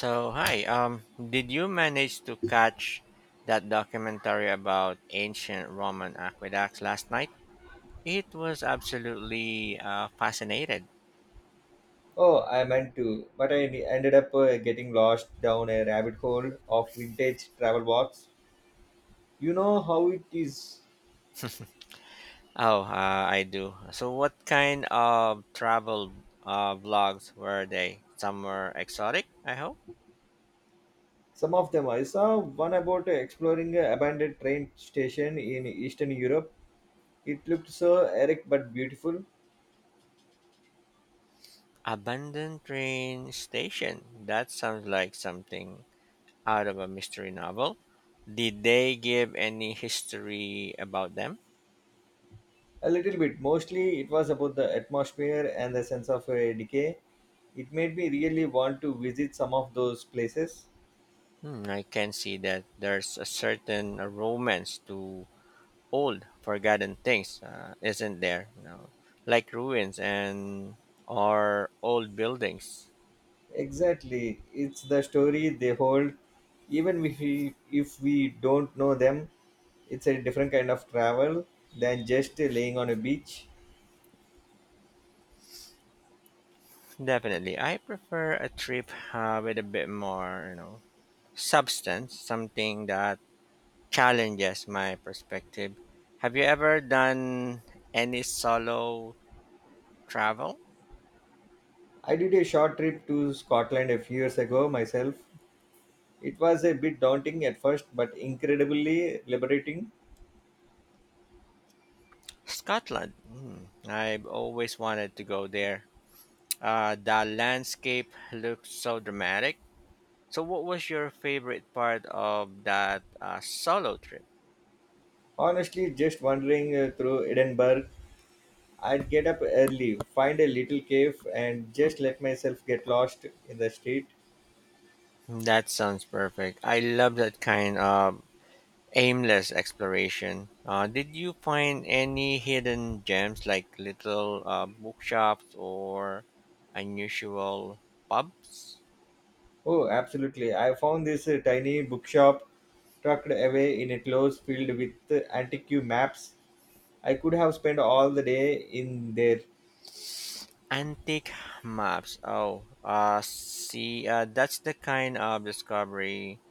So hi, did you manage to catch that documentary about ancient Roman aqueducts last night? It was absolutely fascinated. Oh, I meant to, but ended up getting lost down a rabbit hole of vintage travel walks. You know how it is. Oh, I do. So, what kind of travel vlogs were they? Somewhere exotic, I hope. Some of them I saw one about exploring an abandoned train station in Eastern Europe. It looked so erect but beautiful. Abandoned train station. That sounds like something out of a mystery novel. Did they give any history about them? A little bit. Mostly it was about the atmosphere and the sense of decay. It made me really want to visit some of those places. Hmm, I can see that there's a certain romance to old, forgotten things, isn't there? You know, like ruins and or old buildings. Exactly. It's the story they hold. Even if we don't know them, it's a different kind of travel than just laying on a beach. Definitely, I prefer a trip with a bit more, you know, substance, something that challenges my perspective. Have you ever done any solo travel? I did a short trip to Scotland a few years ago myself. It was a bit daunting at first, but incredibly liberating. Scotland. Hmm, I've always wanted to go there. The landscape looks so dramatic. So, what was your favorite part of that solo trip? Honestly, just wandering through Edinburgh, I'd get up early, find a little cave, and just let myself get lost in the street. That sounds perfect. I love that kind of aimless exploration. Did you find any hidden gems like little bookshops or unusual pubs? Oh, absolutely. I found this tiny bookshop tucked away in a closed field with antique maps. I could have spent all the day in there. Antique maps. Oh, see, that's the kind of discovery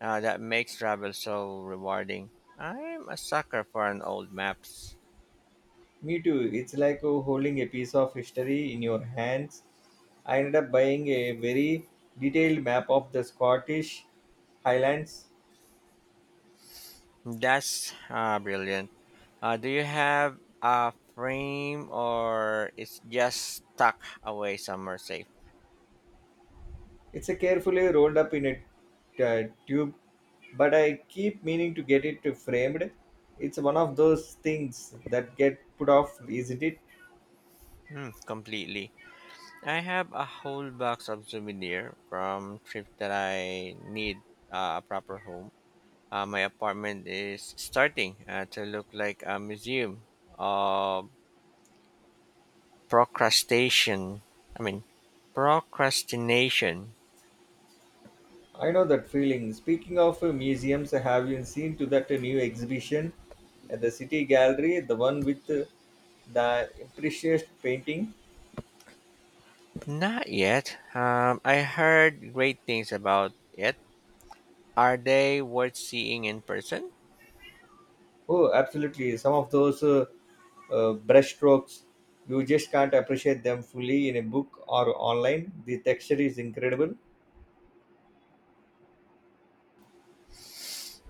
That makes travel so rewarding. I'm a sucker for an old maps. Me too. It's like holding a piece of history in your hands. I ended up buying a very detailed map of the Scottish Highlands. That's brilliant. Do you have a frame or it's just stuck away somewhere safe? It's a carefully rolled up in a tube, but I keep meaning to get it framed. It's one of those things that get put off, isn't it? Hmm, completely. I have a whole box of souvenir from trip that I need a proper home. My apartment is starting to look like a museum of Procrastination. I mean procrastination. I know that feeling. Speaking of museums, have you seen to that new exhibition at the City Gallery, the one with the impressionist painting? Not yet. I heard great things about it. Are they worth seeing in person? Oh, absolutely. Some of those brushstrokes, you just can't appreciate them fully in a book or online. The texture is incredible.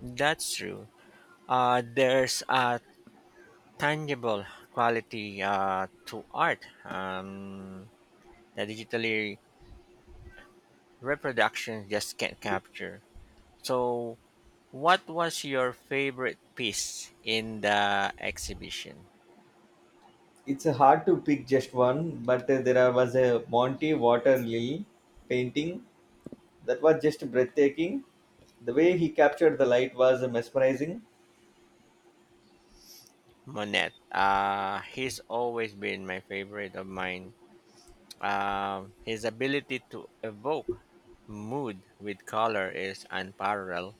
That's true. There's a tangible quality to art um, that digitally reproductions just can't capture. So, what was your favorite piece in the exhibition? It's hard to pick just one, but there was a Monty Water Lily painting that was just breathtaking. The way he captured the light was mesmerizing. Monet. He's always been my favorite of mine. His ability to evoke mood with color is unparalleled.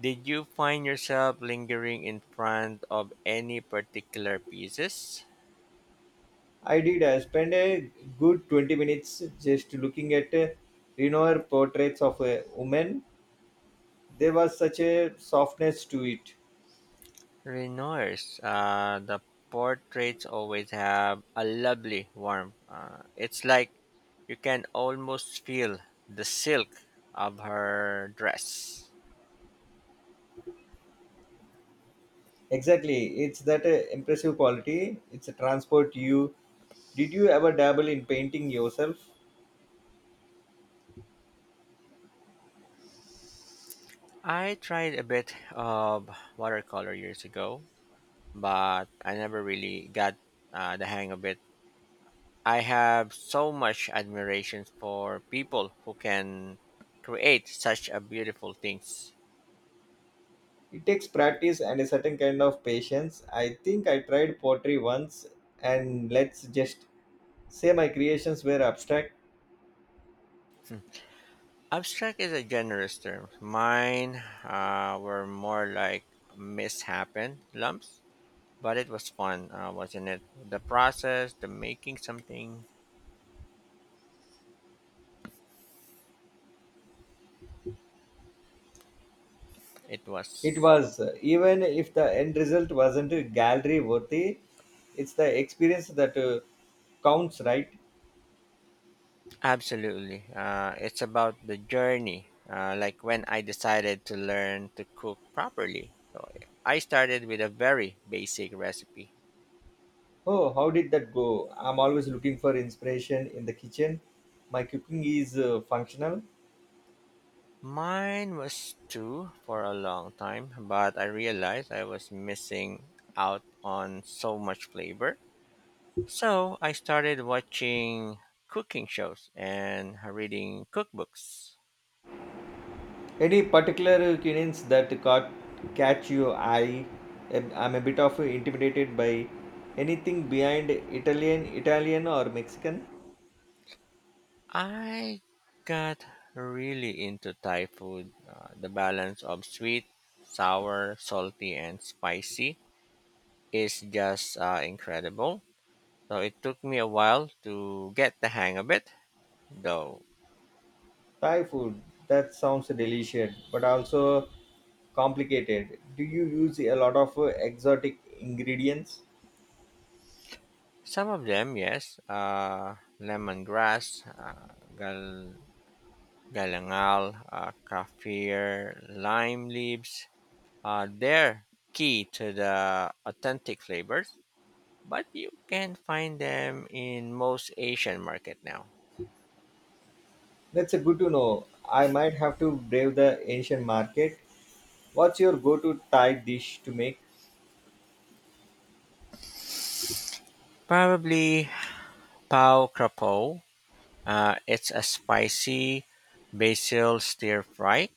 Did you find yourself lingering in front of any particular pieces? I did. I spent a good 20 minutes just looking at Renoir portraits of a woman. There was such a softness to it. Renoir's. The portraits always have a lovely warmth. It's like you can almost feel the silk of her dress. Exactly. It's that impressive quality. It's a transport you. Did you ever dabble in painting yourself? I tried a bit of watercolor years ago, but I never really got the hang of it. I have so much admiration for people who can create such a beautiful things. It takes practice and a certain kind of patience. I think I tried pottery once and let's just say my creations were abstract. Hmm. Abstract is a generous term. Mine were more like mishappen lumps, but it was fun, wasn't it? The process, the making something, it It was was, even if the end result wasn't gallery worthy, it's the experience that counts, right? absolutely. It's about the journey. Like when I decided to learn to cook properly. So I started with a very basic recipe. Oh, how did that go? I'm always looking for inspiration in the kitchen. My cooking is functional. Mine was stew for a long time, but I realized I was missing out on so much flavor. So I started watching cooking shows and reading cookbooks. Any particular cuisines that caught catch your eye? I'm a bit of intimidated by anything behind Italian or Mexican. I got really into Thai food. The balance of sweet, sour, salty, and spicy is just incredible. So it took me a while to get the hang of it, though. Thai food, that sounds delicious, but also complicated. Do you use a lot of exotic ingredients? Some of them, yes, lemongrass, galangal, kaffir, lime leaves, they're key to the authentic flavors, but you can find them in most Asian market now. That's a good to know. I might have to brave the Asian market. What's your go-to Thai dish to make? Probably pao krapo. It's a spicy basil stir fry,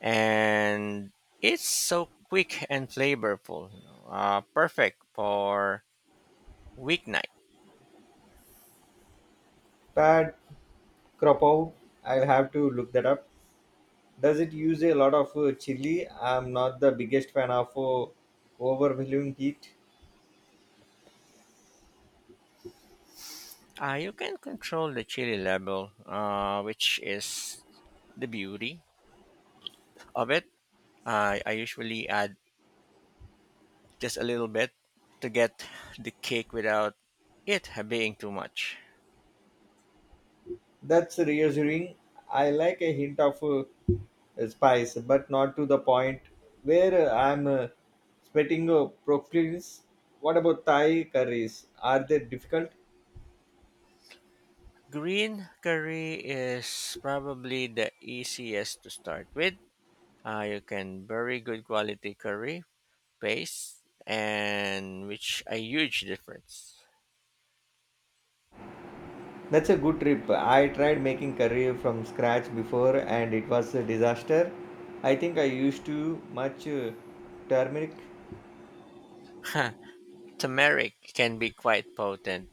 and it's so quick and flavorful. Perfect for weeknight. Pad Krapow. I'll have to look that up. Does it use a lot of chili? I'm not the biggest fan of overwhelming heat. You can control the chili level, which is the beauty of it. I usually add just a little bit to get the cake without it being too much. That's reassuring. I like a hint of spice, but not to the point where I'm sweating profusely. What about Thai curries? Are they difficult? Green curry is probably the easiest to start with. You can bury good quality curry paste, and which a huge difference. That's a good trip. I tried making curry from scratch before and it was a disaster. I think I used too much turmeric. Turmeric can be quite potent.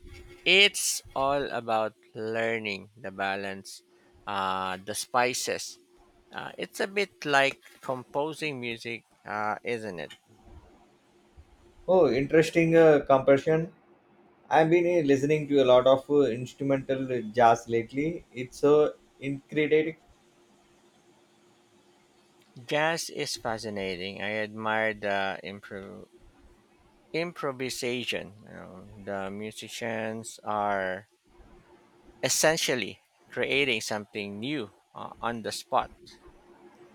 It's all about learning the balance, the spices. It's a bit like composing music, isn't it? Oh, interesting compression. I've been listening to a lot of instrumental jazz lately. It's so incredible. Jazz is fascinating. I admire the improvisation. You know, the musicians are essentially creating something new on the spot.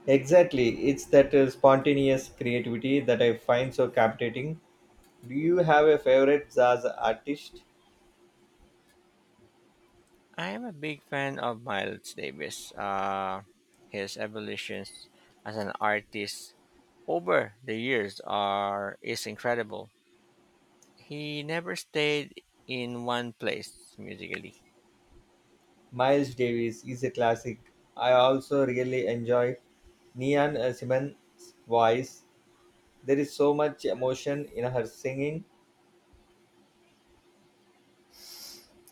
Exactly. It's that spontaneous creativity that I find so captivating. Do you have a favorite jazz artist? I am a big fan of Miles Davis. His evolutions as an artist over the years are is incredible. He never stayed in one place musically. Miles Davis is a classic. I also really enjoy Neon Simmons' voice. There is so much emotion in her singing.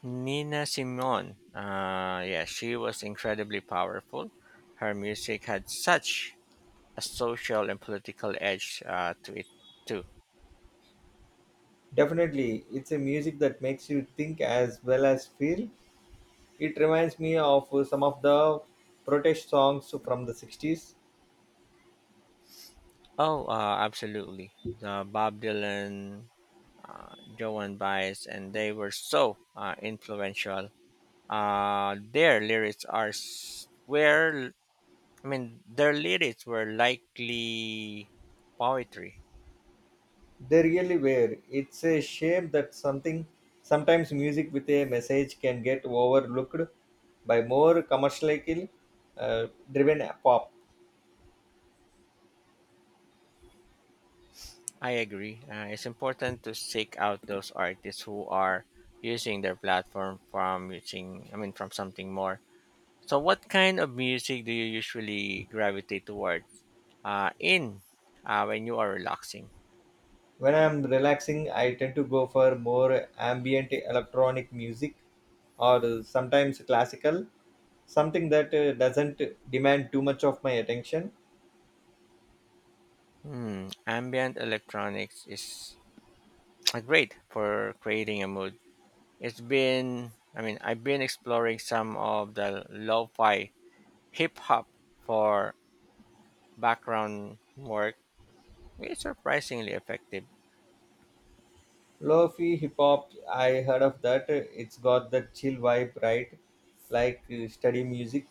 Nina Simone, yeah, she was incredibly powerful. Her music had such a social and political edge to it, too. Definitely, it's a music that makes you think as well as feel. It reminds me of some of the protest songs from the 60s. Oh, absolutely. The Bob Dylan, Joan Baez, and they were so influential. Uh, their lyrics are s- were, their lyrics were likely poetry. They really were. It's a shame that something sometimes music with a message can get overlooked by more commercially driven pop. I agree. It's important to seek out those artists who are using their platform from using, I mean, from something more. So, what kind of music do you usually gravitate towards? In when you are relaxing, When I'm relaxing, I tend to go for more ambient electronic music or sometimes classical, something that doesn't demand too much of my attention. hmm, ambient electronics is great for creating a mood. It's been, I mean, I've been exploring some of the lo-fi hip hop for background work. It's surprisingly effective. Lo-fi hip hop, I heard of that. It's got that chill vibe, right? Like study music.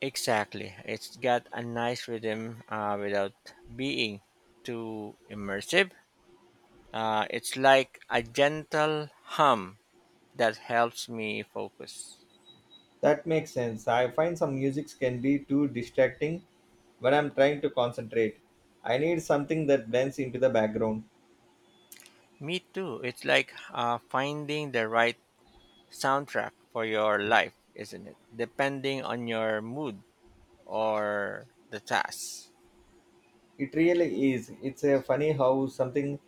Exactly. It's got a nice rhythm without being too immersive. It's like a gentle hum that helps me focus. That makes sense. I find some musics can be too distracting when I'm trying to concentrate. I need something that blends into the background. Me too. It's like finding the right soundtrack for your life, isn't it? Depending on your mood or the task. It really is. It's a funny how something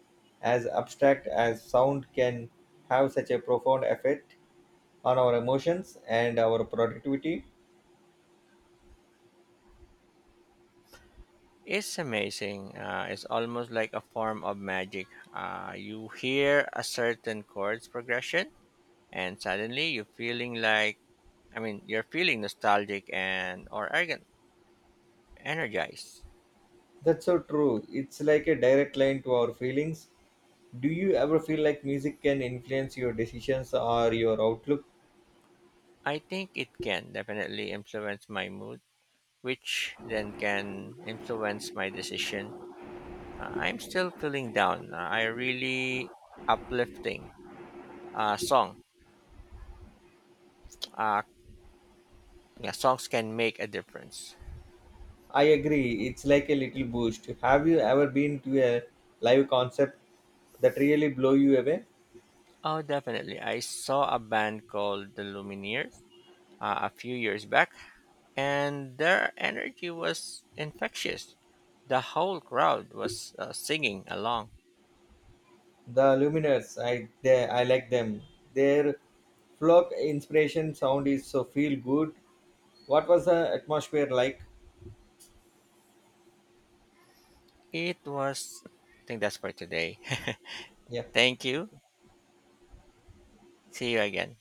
as abstract as sound can have such a profound effect on our emotions and our productivity. It's amazing. It's almost like a form of magic. You hear a certain chords progression and suddenly you're feeling like I mean you're feeling nostalgic and or arrogant, energized. That's so true. It's like a direct line to our feelings. Do you ever feel like music can influence your decisions or your outlook? I think it can definitely influence my mood, which then can influence my decision. I'm still feeling down, I really uplifting song, uh, yeah, songs can make a difference. I agree. It's like a little boost. Have you ever been to a live concert that really blow you away? Oh, definitely, I saw a band called the Lumineers a few years back and their energy was infectious. The whole crowd was singing along. The Lumineers, I like them. Their folk inspiration sound is so feel good. What was the atmosphere like? It was, I think that's for today. Yeah. Thank you. See you again.